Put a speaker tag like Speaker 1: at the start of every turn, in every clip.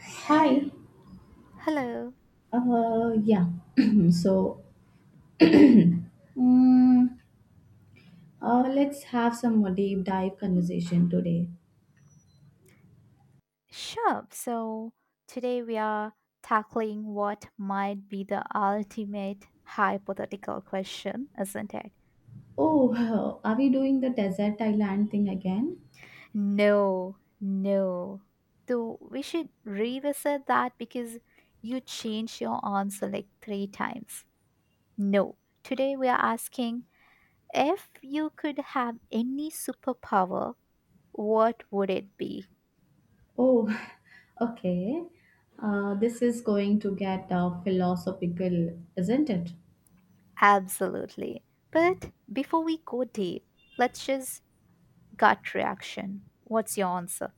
Speaker 1: Hi.
Speaker 2: Hello.
Speaker 1: Uh, yeah. so, mm let's have some more deep dive conversation today.
Speaker 2: Sure. So today we are tackling what might be the ultimate hypothetical question, isn't it?
Speaker 1: Oh, are we doing the desert island thing again?
Speaker 2: No, no. Though we should revisit that because you changed your answer like three times. No. Today we are asking if you could have any superpower, what would it be?
Speaker 1: Oh, okay. This is going to get philosophical, isn't it?
Speaker 2: Absolutely. But before we go deep, let's just gut reaction. What's your answer?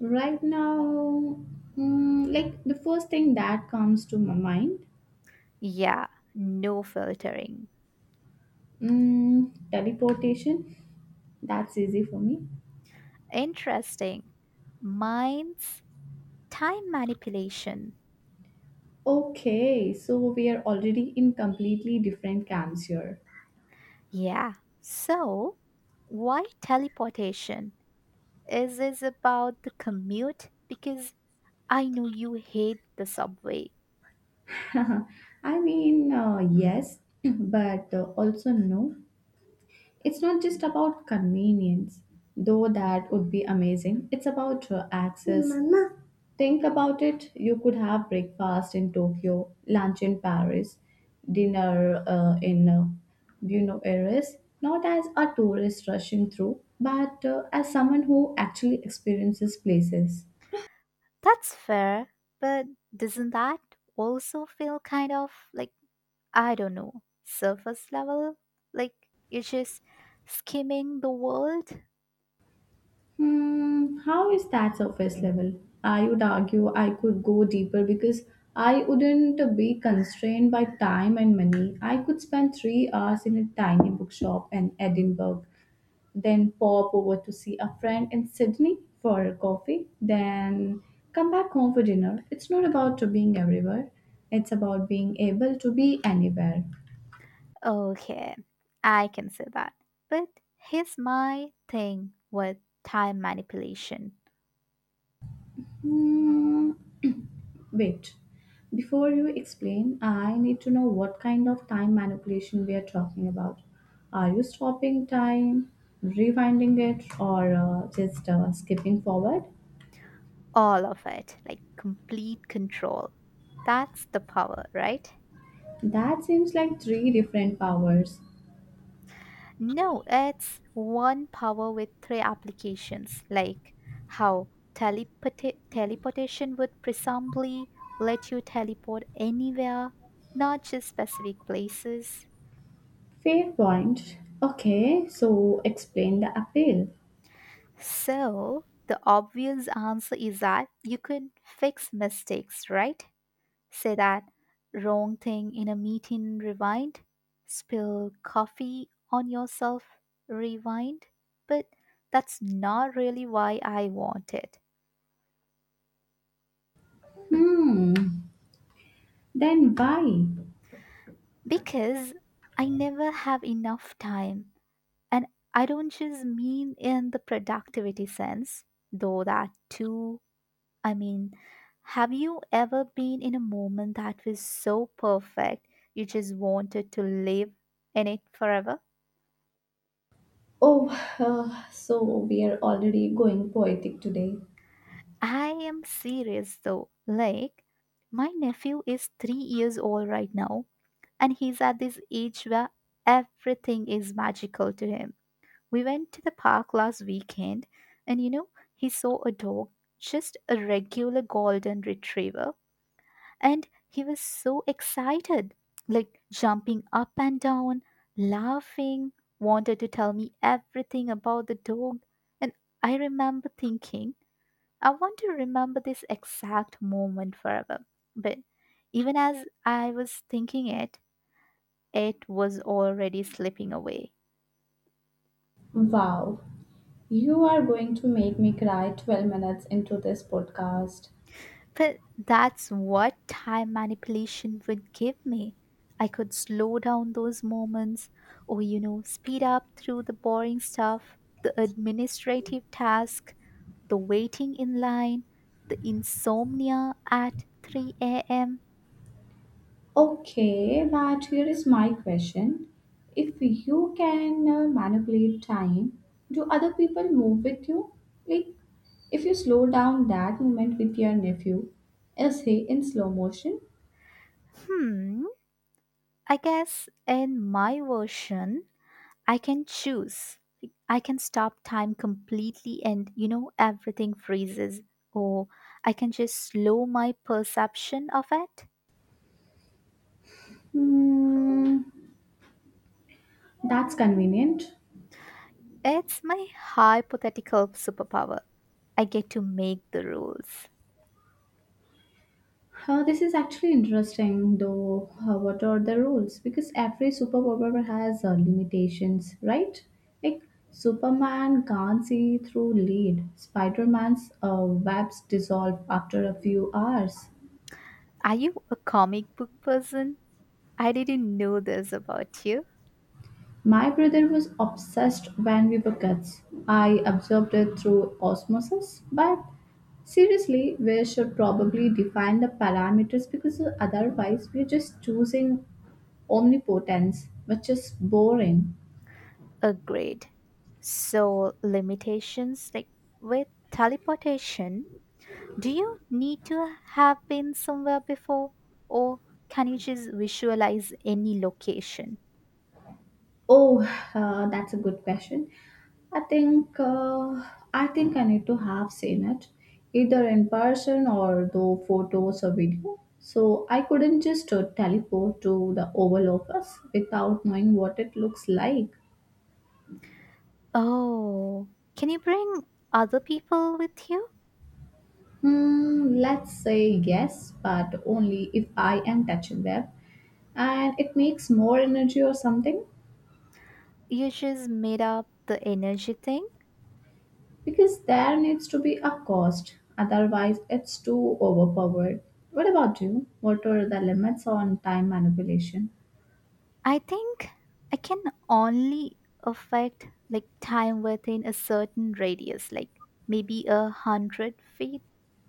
Speaker 1: Right now, like the first thing that comes to my mind,
Speaker 2: Yeah, no filtering.
Speaker 1: teleportation. That's easy for me.
Speaker 2: Interesting. Mine's time manipulation.
Speaker 1: Okay, so we are already in completely different camps here.
Speaker 2: Yeah. So, why teleportation? Is this about the commute? Because I know you hate the subway.
Speaker 1: Yes, but also no. It's not just about convenience, though that would be amazing. It's about access. Mama. Think about it. You could have breakfast in Tokyo, lunch in Paris, dinner in Buenos Aires, not as a tourist rushing through, but as someone who actually experiences places.
Speaker 2: That's fair, but doesn't that also feel kind of like, I don't know, surface level? Like you're just skimming the world?
Speaker 1: Hmm, how is that surface level? I would argue I could go deeper because I wouldn't be constrained by time and money. I could spend 3 hours in a tiny bookshop in Edinburgh, then pop over to see a friend in Sydney for a coffee, then come back home for dinner. It's not about being everywhere, it's about being able to be anywhere.
Speaker 2: Okay, I can see that. But here's my thing with time manipulation
Speaker 1: Hmm, Wait, before you explain, I need to know what kind of time manipulation we are talking about. Are you stopping time, rewinding it, or just skipping forward?
Speaker 2: all of it, like complete control. That's the power, right?
Speaker 1: That seems like three different powers.
Speaker 2: No, it's one power with three applications, like how teleportation would presumably let you teleport anywhere, not just specific places.
Speaker 1: Fair point. Okay, so explain the appeal.
Speaker 2: So, the obvious answer is that you could fix mistakes, right? Say that wrong thing in a meeting, rewind, spill coffee on yourself, rewind. But that's not really why I want it.
Speaker 1: Hmm, then why?
Speaker 2: Because I never have enough time. And I don't just mean in the productivity sense, though that too. I mean, have you ever been in a moment that was so perfect you just wanted to live in it forever?
Speaker 1: Oh, so we are already going poetic today.
Speaker 2: I am serious though. Like, my nephew is 3 years old right now, and he's at this age where everything is magical to him. We went to the park last weekend, and he saw a dog, just a regular golden retriever. And he was so excited, like jumping up and down, laughing, wanted to tell me everything about the dog. And I remember thinking, I want to remember this exact moment forever. But even as I was thinking it, it was already slipping away.
Speaker 1: Wow, you are going to make me cry 12 minutes into this podcast.
Speaker 2: But that's what time manipulation would give me. I could slow down those moments or, speed up through the boring stuff, the administrative task, the waiting in line, the insomnia at 3 a.m.
Speaker 1: Okay, but here is my question. If you can manipulate time, do other people move with you? Like, if you slow down that moment with your nephew, is he in slow motion?
Speaker 2: Hmm, I guess in my version, I can choose. I can stop time completely and, everything freezes. Or I can just slow my perception of it.
Speaker 1: Hmm, that's convenient.
Speaker 2: It's my hypothetical superpower. I get to make the rules.
Speaker 1: Huh, this is actually interesting, though. Huh, what are the rules? Because every superpower has limitations, right? Like Superman can't see through lead. Spider-Man's webs dissolve after a few hours.
Speaker 2: Are you a comic book person? I didn't know this about you.
Speaker 1: My brother was obsessed when we were kids. I observed it through osmosis, but seriously, we should probably define the parameters because otherwise we're just choosing omnipotence, which is boring.
Speaker 2: Agreed. So, limitations like with teleportation, do you need to have been somewhere before, or can you just visualize any location?
Speaker 1: Oh, that's a good question. I think uh, I think I need to have seen it, either in person or through photos or video. So I couldn't just teleport to the Oval Office without knowing what it looks like.
Speaker 2: Oh, can you bring other people with you?
Speaker 1: Hmm, let's say yes, but only if I am touching them, and it makes more energy or something.
Speaker 2: You just made up the energy thing?
Speaker 1: Because there needs to be a cost, otherwise, it's too overpowered. What about you? What are the limits on time manipulation?
Speaker 2: I think I can only affect like time within a certain radius, like maybe 100 feet.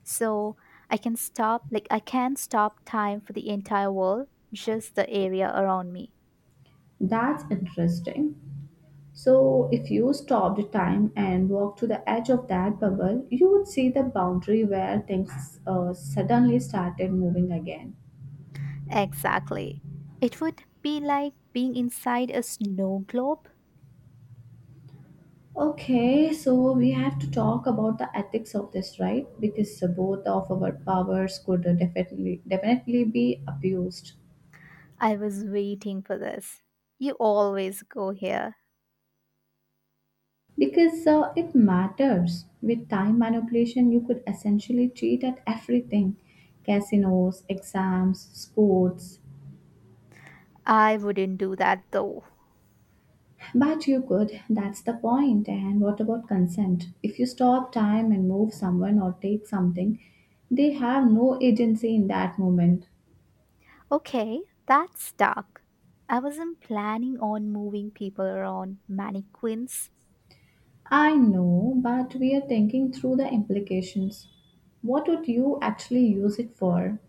Speaker 2: So I can stop, like I can stop time for the entire world, just the area around me.
Speaker 1: That's interesting. So, if you stopped time and walked to the edge of that bubble, you would see the boundary where things suddenly started moving again.
Speaker 2: Exactly. It would be like being inside a snow globe.
Speaker 1: Okay, so we have to talk about the ethics of this, right? Because both of our powers could definitely be abused.
Speaker 2: I was waiting for this. You always go here.
Speaker 1: Because it matters. With time manipulation, you could essentially cheat at everything casinos, exams, sports.
Speaker 2: I wouldn't do that though.
Speaker 1: But you could, that's the point. And what about consent? If you stop time and move someone or take something, they have no agency in that moment.
Speaker 2: Okay, that's dark. I wasn't planning on moving people around mannequins.
Speaker 1: I know, but we are thinking through the implications. What would you actually use it for?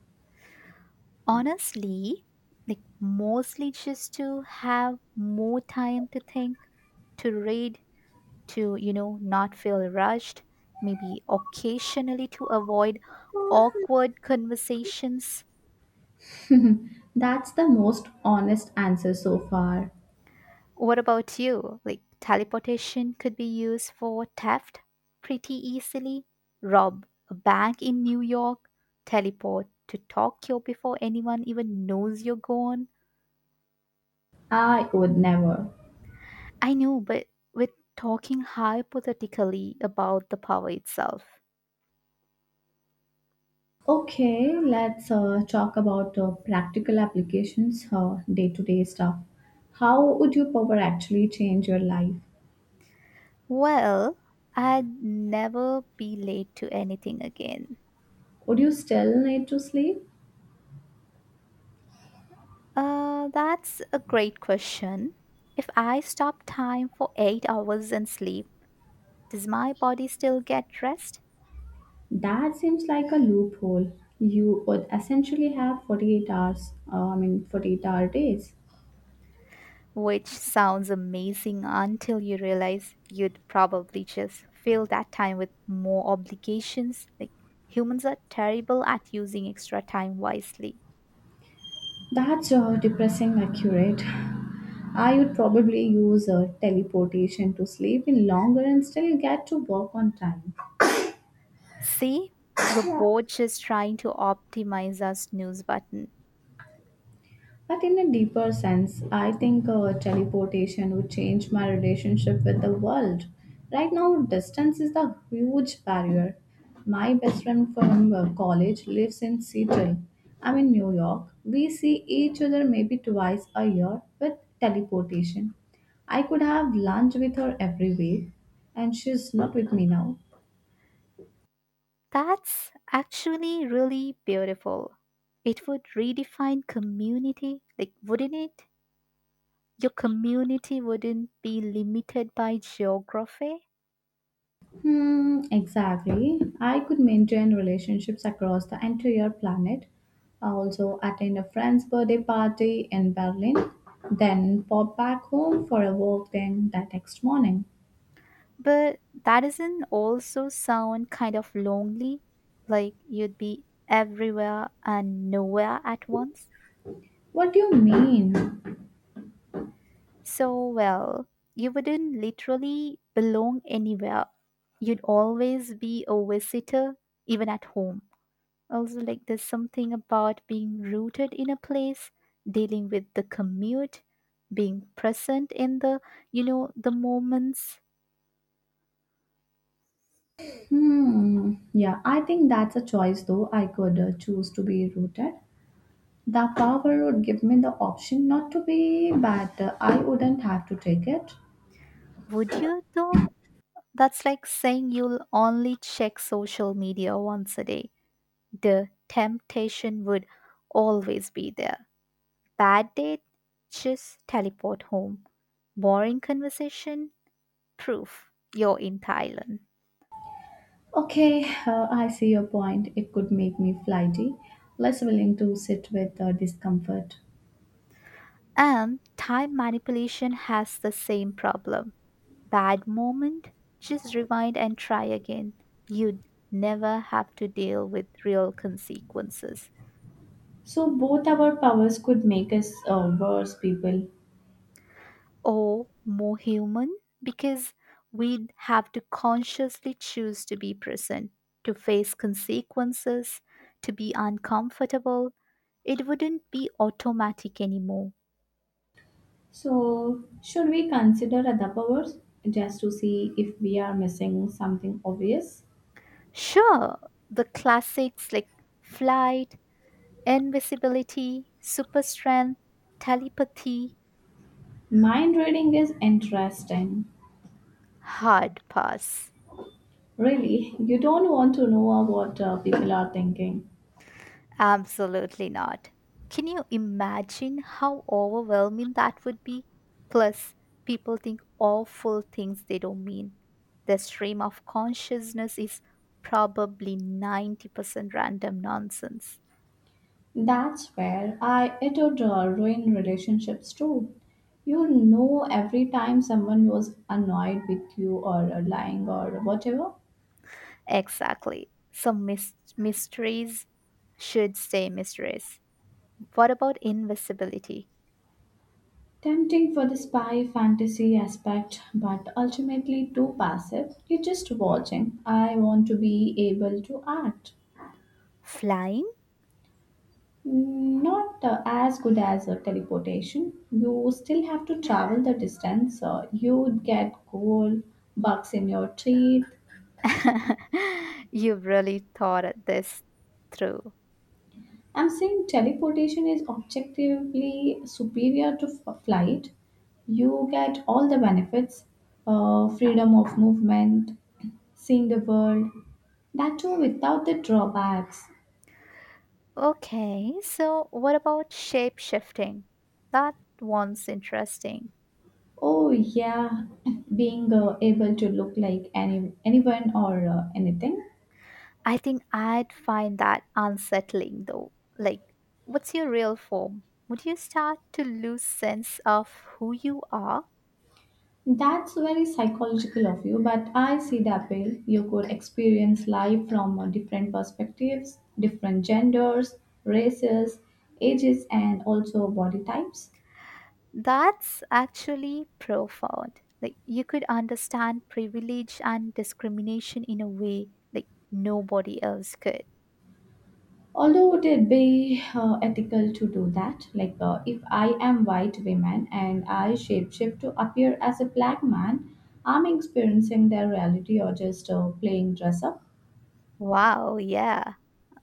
Speaker 2: Honestly, like mostly just to have more time to think, to read, to, not feel rushed, maybe occasionally to avoid awkward conversations.
Speaker 1: That's the most honest answer so far.
Speaker 2: What about you? Like, teleportation could be used for theft pretty easily. Rob a bank in New York, teleport to Tokyo before anyone even knows you're gone.
Speaker 1: I would never.
Speaker 2: I know, but we're talking hypothetically about the power itself.
Speaker 1: Okay, let's talk about practical applications, day-to-day stuff. How would your power actually change your life?
Speaker 2: Well, I'd never be late to anything again.
Speaker 1: Would you still need to sleep?
Speaker 2: That's a great question. If I stop time for 8 hours and sleep, does my body still get rest?
Speaker 1: That seems like a loophole. You would essentially have 48-hour days.
Speaker 2: Which sounds amazing until you realize you'd probably just fill that time with more obligations. Like humans are terrible at using extra time wisely.
Speaker 1: That's depressing accurate. I would probably use teleportation to sleep in longer and still get to work on time.
Speaker 2: See, we're both just trying to optimize our snooze button.
Speaker 1: But in a deeper sense, I think teleportation would change my relationship with the world. Right now, distance is the huge barrier. My best friend from college lives in Seattle. I'm in New York. We see each other maybe twice a year with teleportation. I could have lunch with her every week, and she's not with me now.
Speaker 2: That's actually really beautiful. It would redefine community, like, wouldn't it? Your community wouldn't be limited by geography.
Speaker 1: Hmm, exactly. I could maintain relationships across the entire planet. I also attend a friend's birthday party in Berlin, then pop back home for a walk then the next morning.
Speaker 2: But that doesn't also sound kind of lonely, like you'd be everywhere and nowhere at once.
Speaker 1: What do you mean?
Speaker 2: So, well, you wouldn't literally belong anywhere. You'd always be a visitor, even at home. Also, like, there's something about being rooted in a place, dealing with the commute, being present in the, the moments.
Speaker 1: Hmm, yeah, I think that's a choice though. I could choose to be rooted. The power would give me the option not to be, but I wouldn't have to take it.
Speaker 2: Would you, though? That's like saying you'll only check social media once a day. The temptation would always be there. Bad date? Just teleport home. Boring conversation? Proof you're in Thailand.
Speaker 1: Okay, I see your point. It could make me flighty, less willing to sit with discomfort.
Speaker 2: And time manipulation has the same problem. Bad moment? Just rewind and try again. You'd never have to deal with real consequences.
Speaker 1: So, both our powers could make us worse people.
Speaker 2: Or more human, because we'd have to consciously choose to be present, to face consequences, to be uncomfortable. It wouldn't be automatic anymore.
Speaker 1: So, should we consider other powers just to see if we are missing something obvious?
Speaker 2: Sure, the classics like flight, invisibility, super strength, telepathy,
Speaker 1: Mind reading is interesting.
Speaker 2: hard pass.
Speaker 1: Really, you don't want to know what people are thinking.
Speaker 2: Absolutely not. Can you imagine how overwhelming that would be? Plus, people think awful things they don't mean. The stream of consciousness is probably 90% random nonsense.
Speaker 1: That's where I it would ruin relationships too. You know, every time someone was annoyed with you or lying or whatever,
Speaker 2: Exactly. Some mysteries should stay mysteries. What about invisibility?
Speaker 1: tempting for the spy fantasy aspect, but ultimately too passive. You're just watching. I want to be able to act.
Speaker 2: Flying?
Speaker 1: Not as good as a teleportation. You still have to travel the distance. You get cold, bugs in your teeth,
Speaker 2: You've really thought this through.
Speaker 1: I'm saying teleportation is objectively superior to flight. You get all the benefits freedom of movement, seeing the world. That too without the drawbacks.
Speaker 2: Okay, so what about shape shifting? That one's interesting.
Speaker 1: Oh, yeah, being able to look like anyone or anything.
Speaker 2: I think I'd find that unsettling though. Like, what's your real form? Would you start to lose sense of who you are?
Speaker 1: That's very psychological of you, but I see the appeal. You could experience life from different perspectives, different genders, races, ages, and also body types.
Speaker 2: That's actually profound. Like, you could understand privilege and discrimination in a way like nobody else could.
Speaker 1: Although would it be ethical to do that? Like, if I am white woman and I shapeshift to appear as a black man, I'm experiencing their reality or just playing dress up.
Speaker 2: Wow, yeah.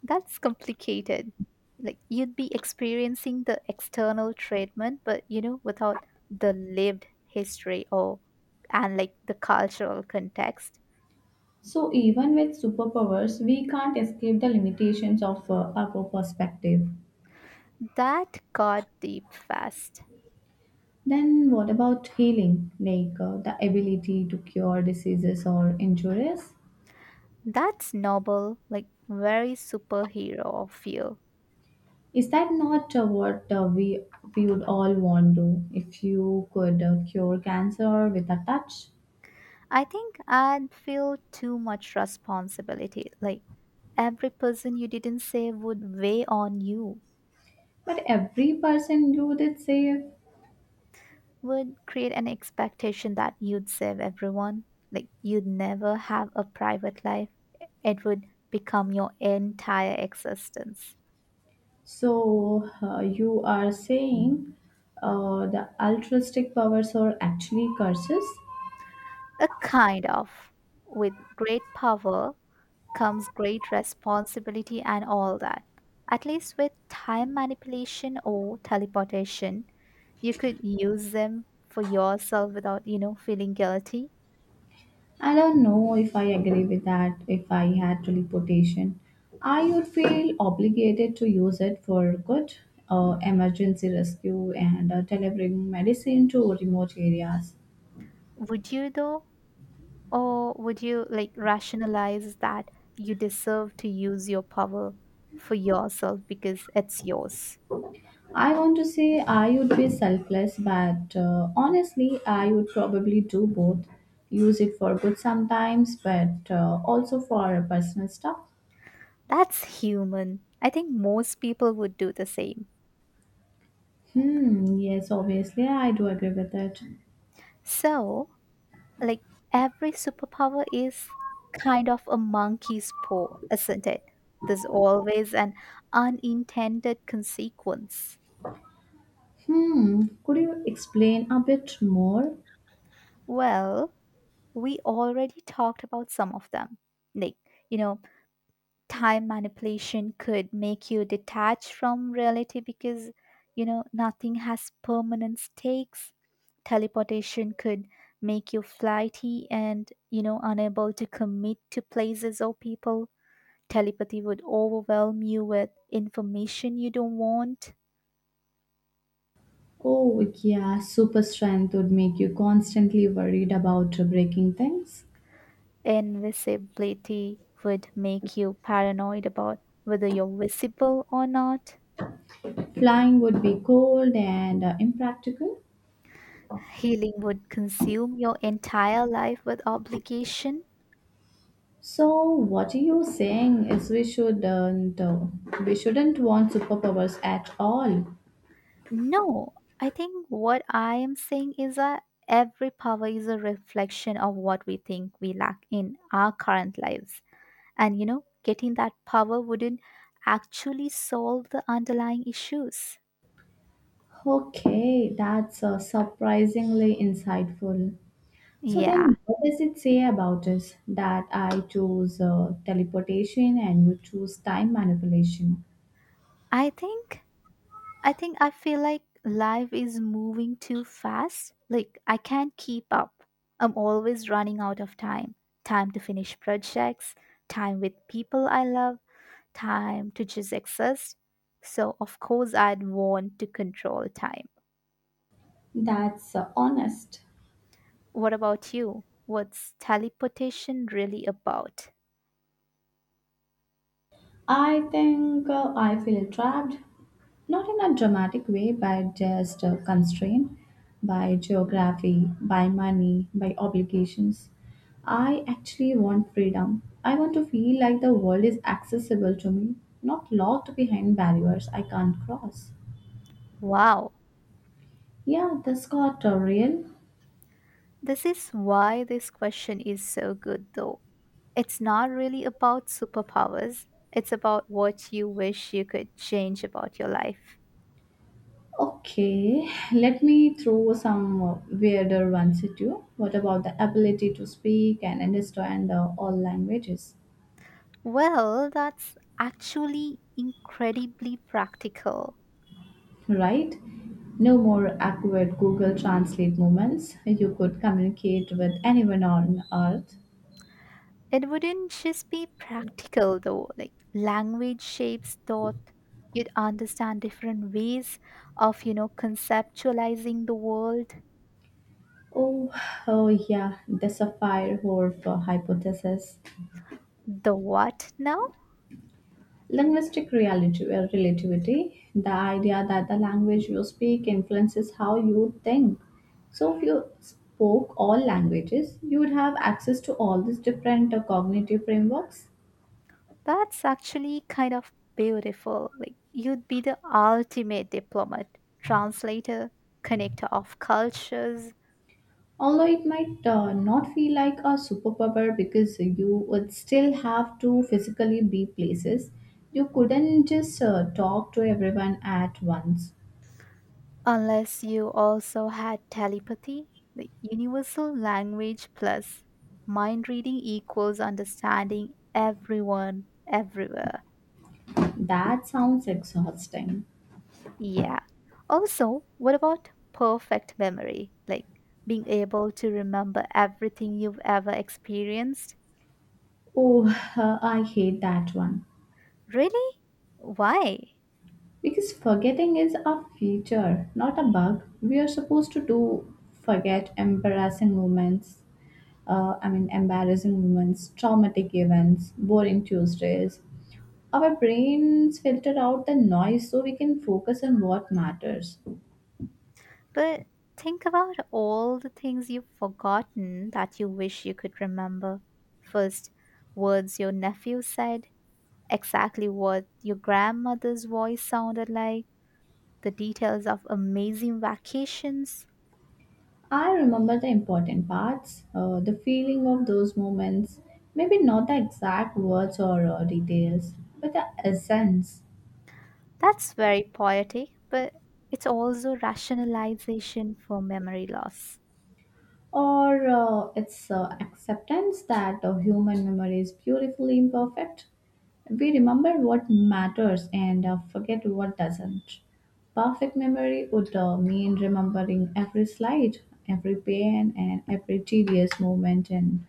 Speaker 2: That's complicated. Like you'd be experiencing the external treatment, but without the lived history or and like the cultural context.
Speaker 1: So even with superpowers, we can't escape the limitations of our perspective.
Speaker 2: That got deep fast.
Speaker 1: Then, what about healing, like the ability to cure diseases or injuries?
Speaker 2: That's noble, like very superhero of you.
Speaker 1: Is that not what we would all want to? If you could cure cancer with a touch,
Speaker 2: I think I'd feel too much responsibility. Like every person you didn't save would weigh on you.
Speaker 1: but every person you did save.
Speaker 2: Would create an expectation that you'd save everyone. Like you'd never have a private life. It would become your entire existence.
Speaker 1: So you are saying the altruistic powers are actually curses?
Speaker 2: A kind of. With great power comes great responsibility and all that. At least with time manipulation or teleportation, you could use them for yourself without, feeling guilty.
Speaker 1: I don't know if I agree with that. If I had teleportation, I would feel obligated to use it for good, emergency rescue, and delivering medicine to remote areas.
Speaker 2: Would you though? Or would you like rationalize that you deserve to use your power for yourself because it's yours?
Speaker 1: I want to say I would be selfless, but honestly, I would probably do both. Use it for good sometimes, but also for personal stuff.
Speaker 2: That's human. I think most people would do the same.
Speaker 1: Hmm, yes, obviously, I do agree with that.
Speaker 2: So, like every superpower is kind of a monkey's paw, isn't it? There's always an unintended consequence.
Speaker 1: Hmm, could you explain a bit more?
Speaker 2: Well, we already talked about some of them. Like, you know, time manipulation could make you detached from reality because you know nothing has permanent stakes teleportation could make you flighty and unable to commit to places or people telepathy would overwhelm you with information you don't want
Speaker 1: Oh, yeah, super strength would make you constantly worried about breaking things.
Speaker 2: invisibility would make you paranoid about whether you're visible or not
Speaker 1: Flying would be cold and impractical.
Speaker 2: healing would consume your entire life with obligation.
Speaker 1: So, what are you saying is we shouldn't want superpowers at all.
Speaker 2: No, I think what I am saying is that every power is a reflection of what we think we lack in our current lives. And getting that power wouldn't actually solve the underlying issues.
Speaker 1: Okay, that's surprisingly insightful. So
Speaker 2: Yeah.
Speaker 1: then, what does it say about us that I choose teleportation and you choose time manipulation?
Speaker 2: I think I think I feel like life is moving too fast. Like I can't keep up. I'm always running out of time. Time to finish projects, time with people I love, time to just exist. So, of course, I'd want to control time.
Speaker 1: That's honest.
Speaker 2: What about you? What's teleportation really about?
Speaker 1: I think I feel trapped, not in a dramatic way, but just constrained by geography, by money, by obligations. I actually want freedom. I want to feel like the world is accessible to me, not locked behind barriers I can't cross.
Speaker 2: Wow,
Speaker 1: Yeah, this got real.
Speaker 2: this is why this question is so good, though. It's not really about superpowers, it's about what you wish you could change about your life.
Speaker 1: Okay, let me throw some weirder ones at you. What about the ability to speak and understand all languages?
Speaker 2: Well, that's actually incredibly practical.
Speaker 1: Right? No more awkward Google Translate moments. You could communicate with anyone on Earth.
Speaker 2: It wouldn't just be practical though, like language shapes thought. You'd understand different ways of, conceptualizing the world.
Speaker 1: Oh, oh, yeah, the Sapir-Whorf hypothesis.
Speaker 2: The what now?
Speaker 1: Linguistic reality, relativity, the idea that the language you speak influences how you think. So if you spoke all languages, you would have access to all these different cognitive frameworks.
Speaker 2: That's actually kind of beautiful. Like, you'd be the ultimate diplomat, translator, connector of cultures.
Speaker 1: Although it might not feel like a superpower because you would still have to physically be places, you couldn't just talk to everyone at once.
Speaker 2: Unless you also had telepathy, the universal language plus mind reading equals understanding everyone, everywhere.
Speaker 1: That sounds exhausting.
Speaker 2: Yeah. Also, what about perfect memory? Like being able to remember everything you've ever experienced?
Speaker 1: Oh, I hate that one.
Speaker 2: Really? Why?
Speaker 1: Because forgetting is a feature, not a bug. We are supposed to do forget embarrassing moments, embarrassing moments, traumatic events, boring Tuesdays. Our brains filter out the noise so we can focus on what matters.
Speaker 2: But think about all the things you've forgotten that you wish you could remember. First, words your nephew said, exactly what your grandmother's voice sounded like, the details of amazing vacations.
Speaker 1: I remember the important parts, the feeling of those moments, maybe not the exact words or details, but the essence.
Speaker 2: That's very poetic, but it's also rationalization for memory loss.
Speaker 1: Or it's acceptance that human memory is beautifully imperfect. We remember what matters and forget what doesn't. Perfect memory would mean remembering every slide, every pain, and every tedious moment in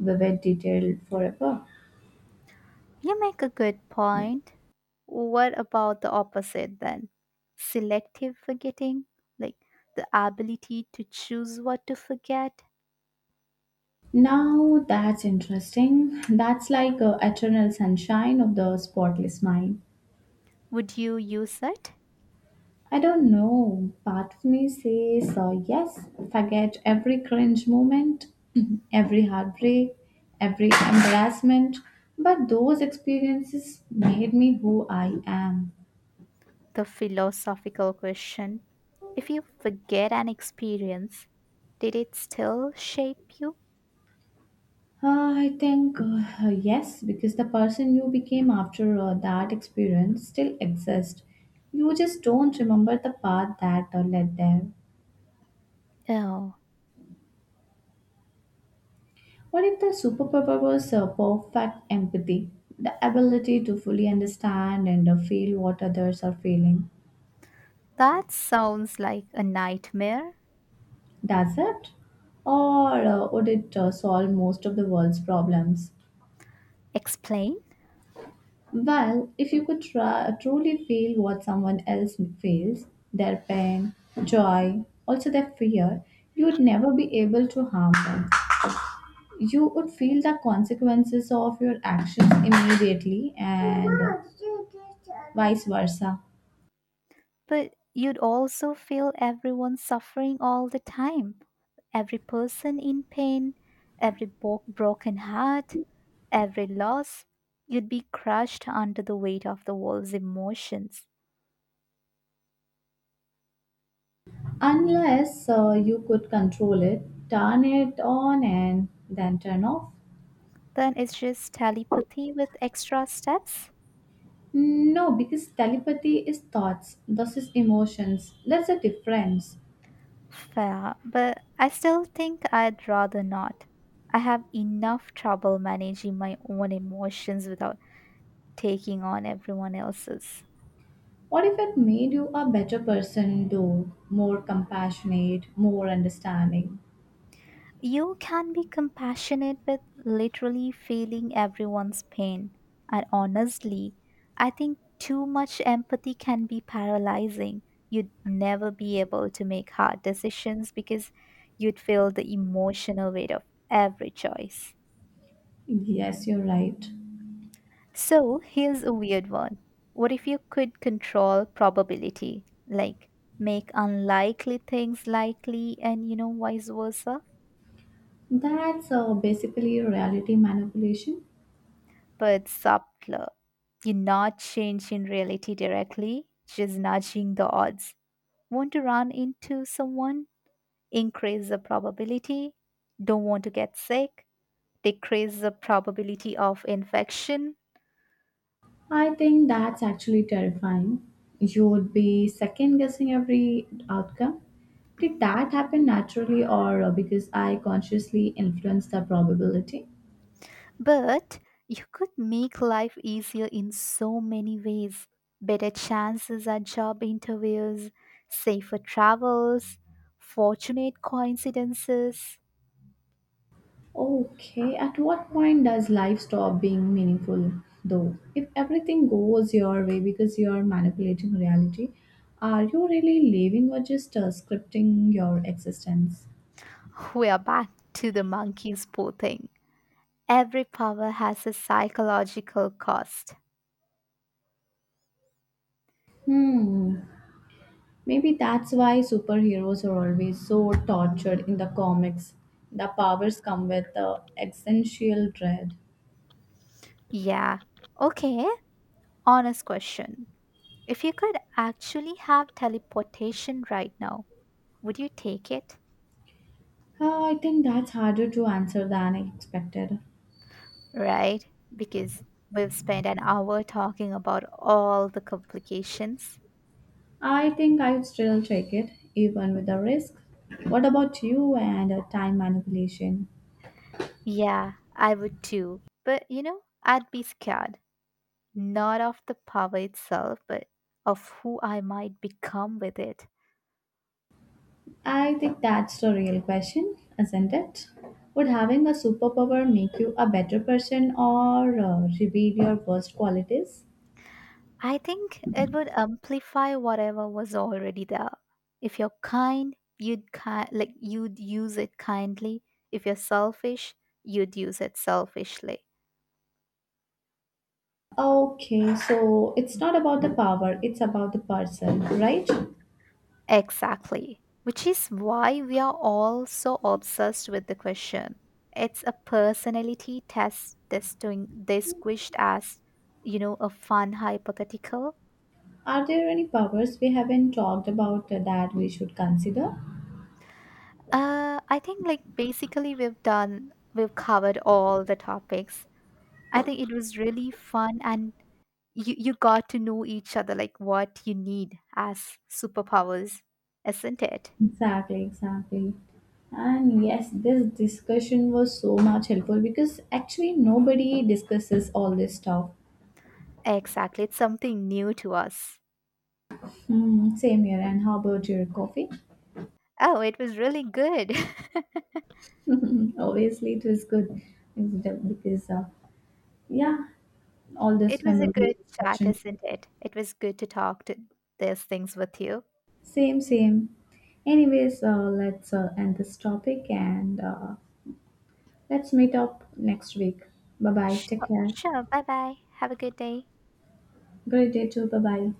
Speaker 1: vivid detail forever.
Speaker 2: You make a good point. What about the opposite then? Selective forgetting, like the ability to choose what to forget.
Speaker 1: Now that's interesting. That's like eternal sunshine of the spotless mind.
Speaker 2: Would you use it?
Speaker 1: I don't know. Part of me says yes, forget every cringe moment, every heartbreak, every embarrassment. But those experiences made me who I am.
Speaker 2: The philosophical question: if you forget an experience, did it still shape you?
Speaker 1: I think yes, because the person you became after that experience still exists. You just don't remember the path that led there.
Speaker 2: Oh,
Speaker 1: What if the superpower was perfect empathy, the ability to fully understand and feel what others are feeling?
Speaker 2: that sounds like a nightmare.
Speaker 1: Does it? Or would it solve most of the world's problems?
Speaker 2: Explain.
Speaker 1: Well, if you could try, truly feel what someone else feels, their pain, joy, also their fear, you would never be able to harm them. You would feel the consequences of your actions immediately and vice versa.
Speaker 2: But you'd also feel everyone suffering all the time. Every person in pain, every broken heart, every loss. You'd be crushed under the weight of the world's emotions.
Speaker 1: Unless you could control it, turn it on and then turn off.
Speaker 2: Then it's just telepathy with extra steps.
Speaker 1: No, because telepathy is thoughts, this is emotions. That's the difference.
Speaker 2: Fair, but I still think I'd rather not. I have enough trouble managing my own emotions without taking on everyone else's.
Speaker 1: What if it made you a better person, though? More compassionate, more understanding.
Speaker 2: You can be compassionate with literally feeling everyone's pain. And honestly, I think too much empathy can be paralyzing. You'd never be able to make hard decisions because you'd feel the emotional weight of every choice.
Speaker 1: Yes, you're right.
Speaker 2: So here's a weird one. What if you could control probability? Like make unlikely things likely and vice versa,
Speaker 1: That's basically reality manipulation.
Speaker 2: but subtler. You're not changing reality directly, just nudging the odds. Want to run into someone? Increase the probability. Don't want to get sick? Decrease the probability of infection.
Speaker 1: I think that's actually terrifying. You would be second guessing every outcome. Did that happen naturally or because I consciously influenced the probability?
Speaker 2: But you could make life easier in so many ways, better chances at job interviews, safer travels, fortunate coincidences.
Speaker 1: Okay, at what point does life stop being meaningful though? If everything goes your way because you're manipulating reality, are you really living or just scripting your existence?
Speaker 2: We are back to the monkey paw thing. Every power has a psychological cost.
Speaker 1: Hmm. Maybe that's why superheroes are always so tortured in the comics. The powers come with the existential dread.
Speaker 2: Yeah. Okay, honest question. If you could actually have teleportation right now, would you take it?
Speaker 1: I think that's harder to answer than I expected.
Speaker 2: Right? Because we've spent an hour talking about all the complications.
Speaker 1: I think I'd still take it, even with the risk. What about you and time manipulation?
Speaker 2: Yeah, I would too. But I'd be scared, not of the power itself, but of who I might become with it.
Speaker 1: I think that's the real question, isn't it? Would having a superpower make you a better person or reveal your worst qualities?
Speaker 2: I think it would amplify whatever was already there. If you're kind, like you'd use it kindly. If you're selfish, you'd use it selfishly.
Speaker 1: Okay, so it's not about the power, it's about the person, right?
Speaker 2: Exactly. Which is why we are all so obsessed with the question. It's a personality test testing disguised as, a fun hypothetical.
Speaker 1: Are there any powers we haven't talked about that we should consider?
Speaker 2: I think like basically we've covered all the topics. I think it was really fun and you got to know each other like what you need as superpowers, isn't it?
Speaker 1: Exactly, exactly. And yes, this discussion was so much helpful because actually nobody discusses all this stuff.
Speaker 2: Exactly. It's something new to us.
Speaker 1: Hmm, same here. And how about your coffee?
Speaker 2: Oh, it was really good.
Speaker 1: Obviously, it was good because, yeah, all
Speaker 2: It
Speaker 1: this
Speaker 2: was a
Speaker 1: memorable
Speaker 2: good chat,
Speaker 1: discussion.
Speaker 2: isn't it? It was good to talk to these things with you.
Speaker 1: Same, same. Anyways, let's end this topic and let's meet up next week. Bye bye. Take
Speaker 2: Sure,
Speaker 1: care.
Speaker 2: sure. Bye bye. Have a good day.
Speaker 1: Great day too. Bye bye.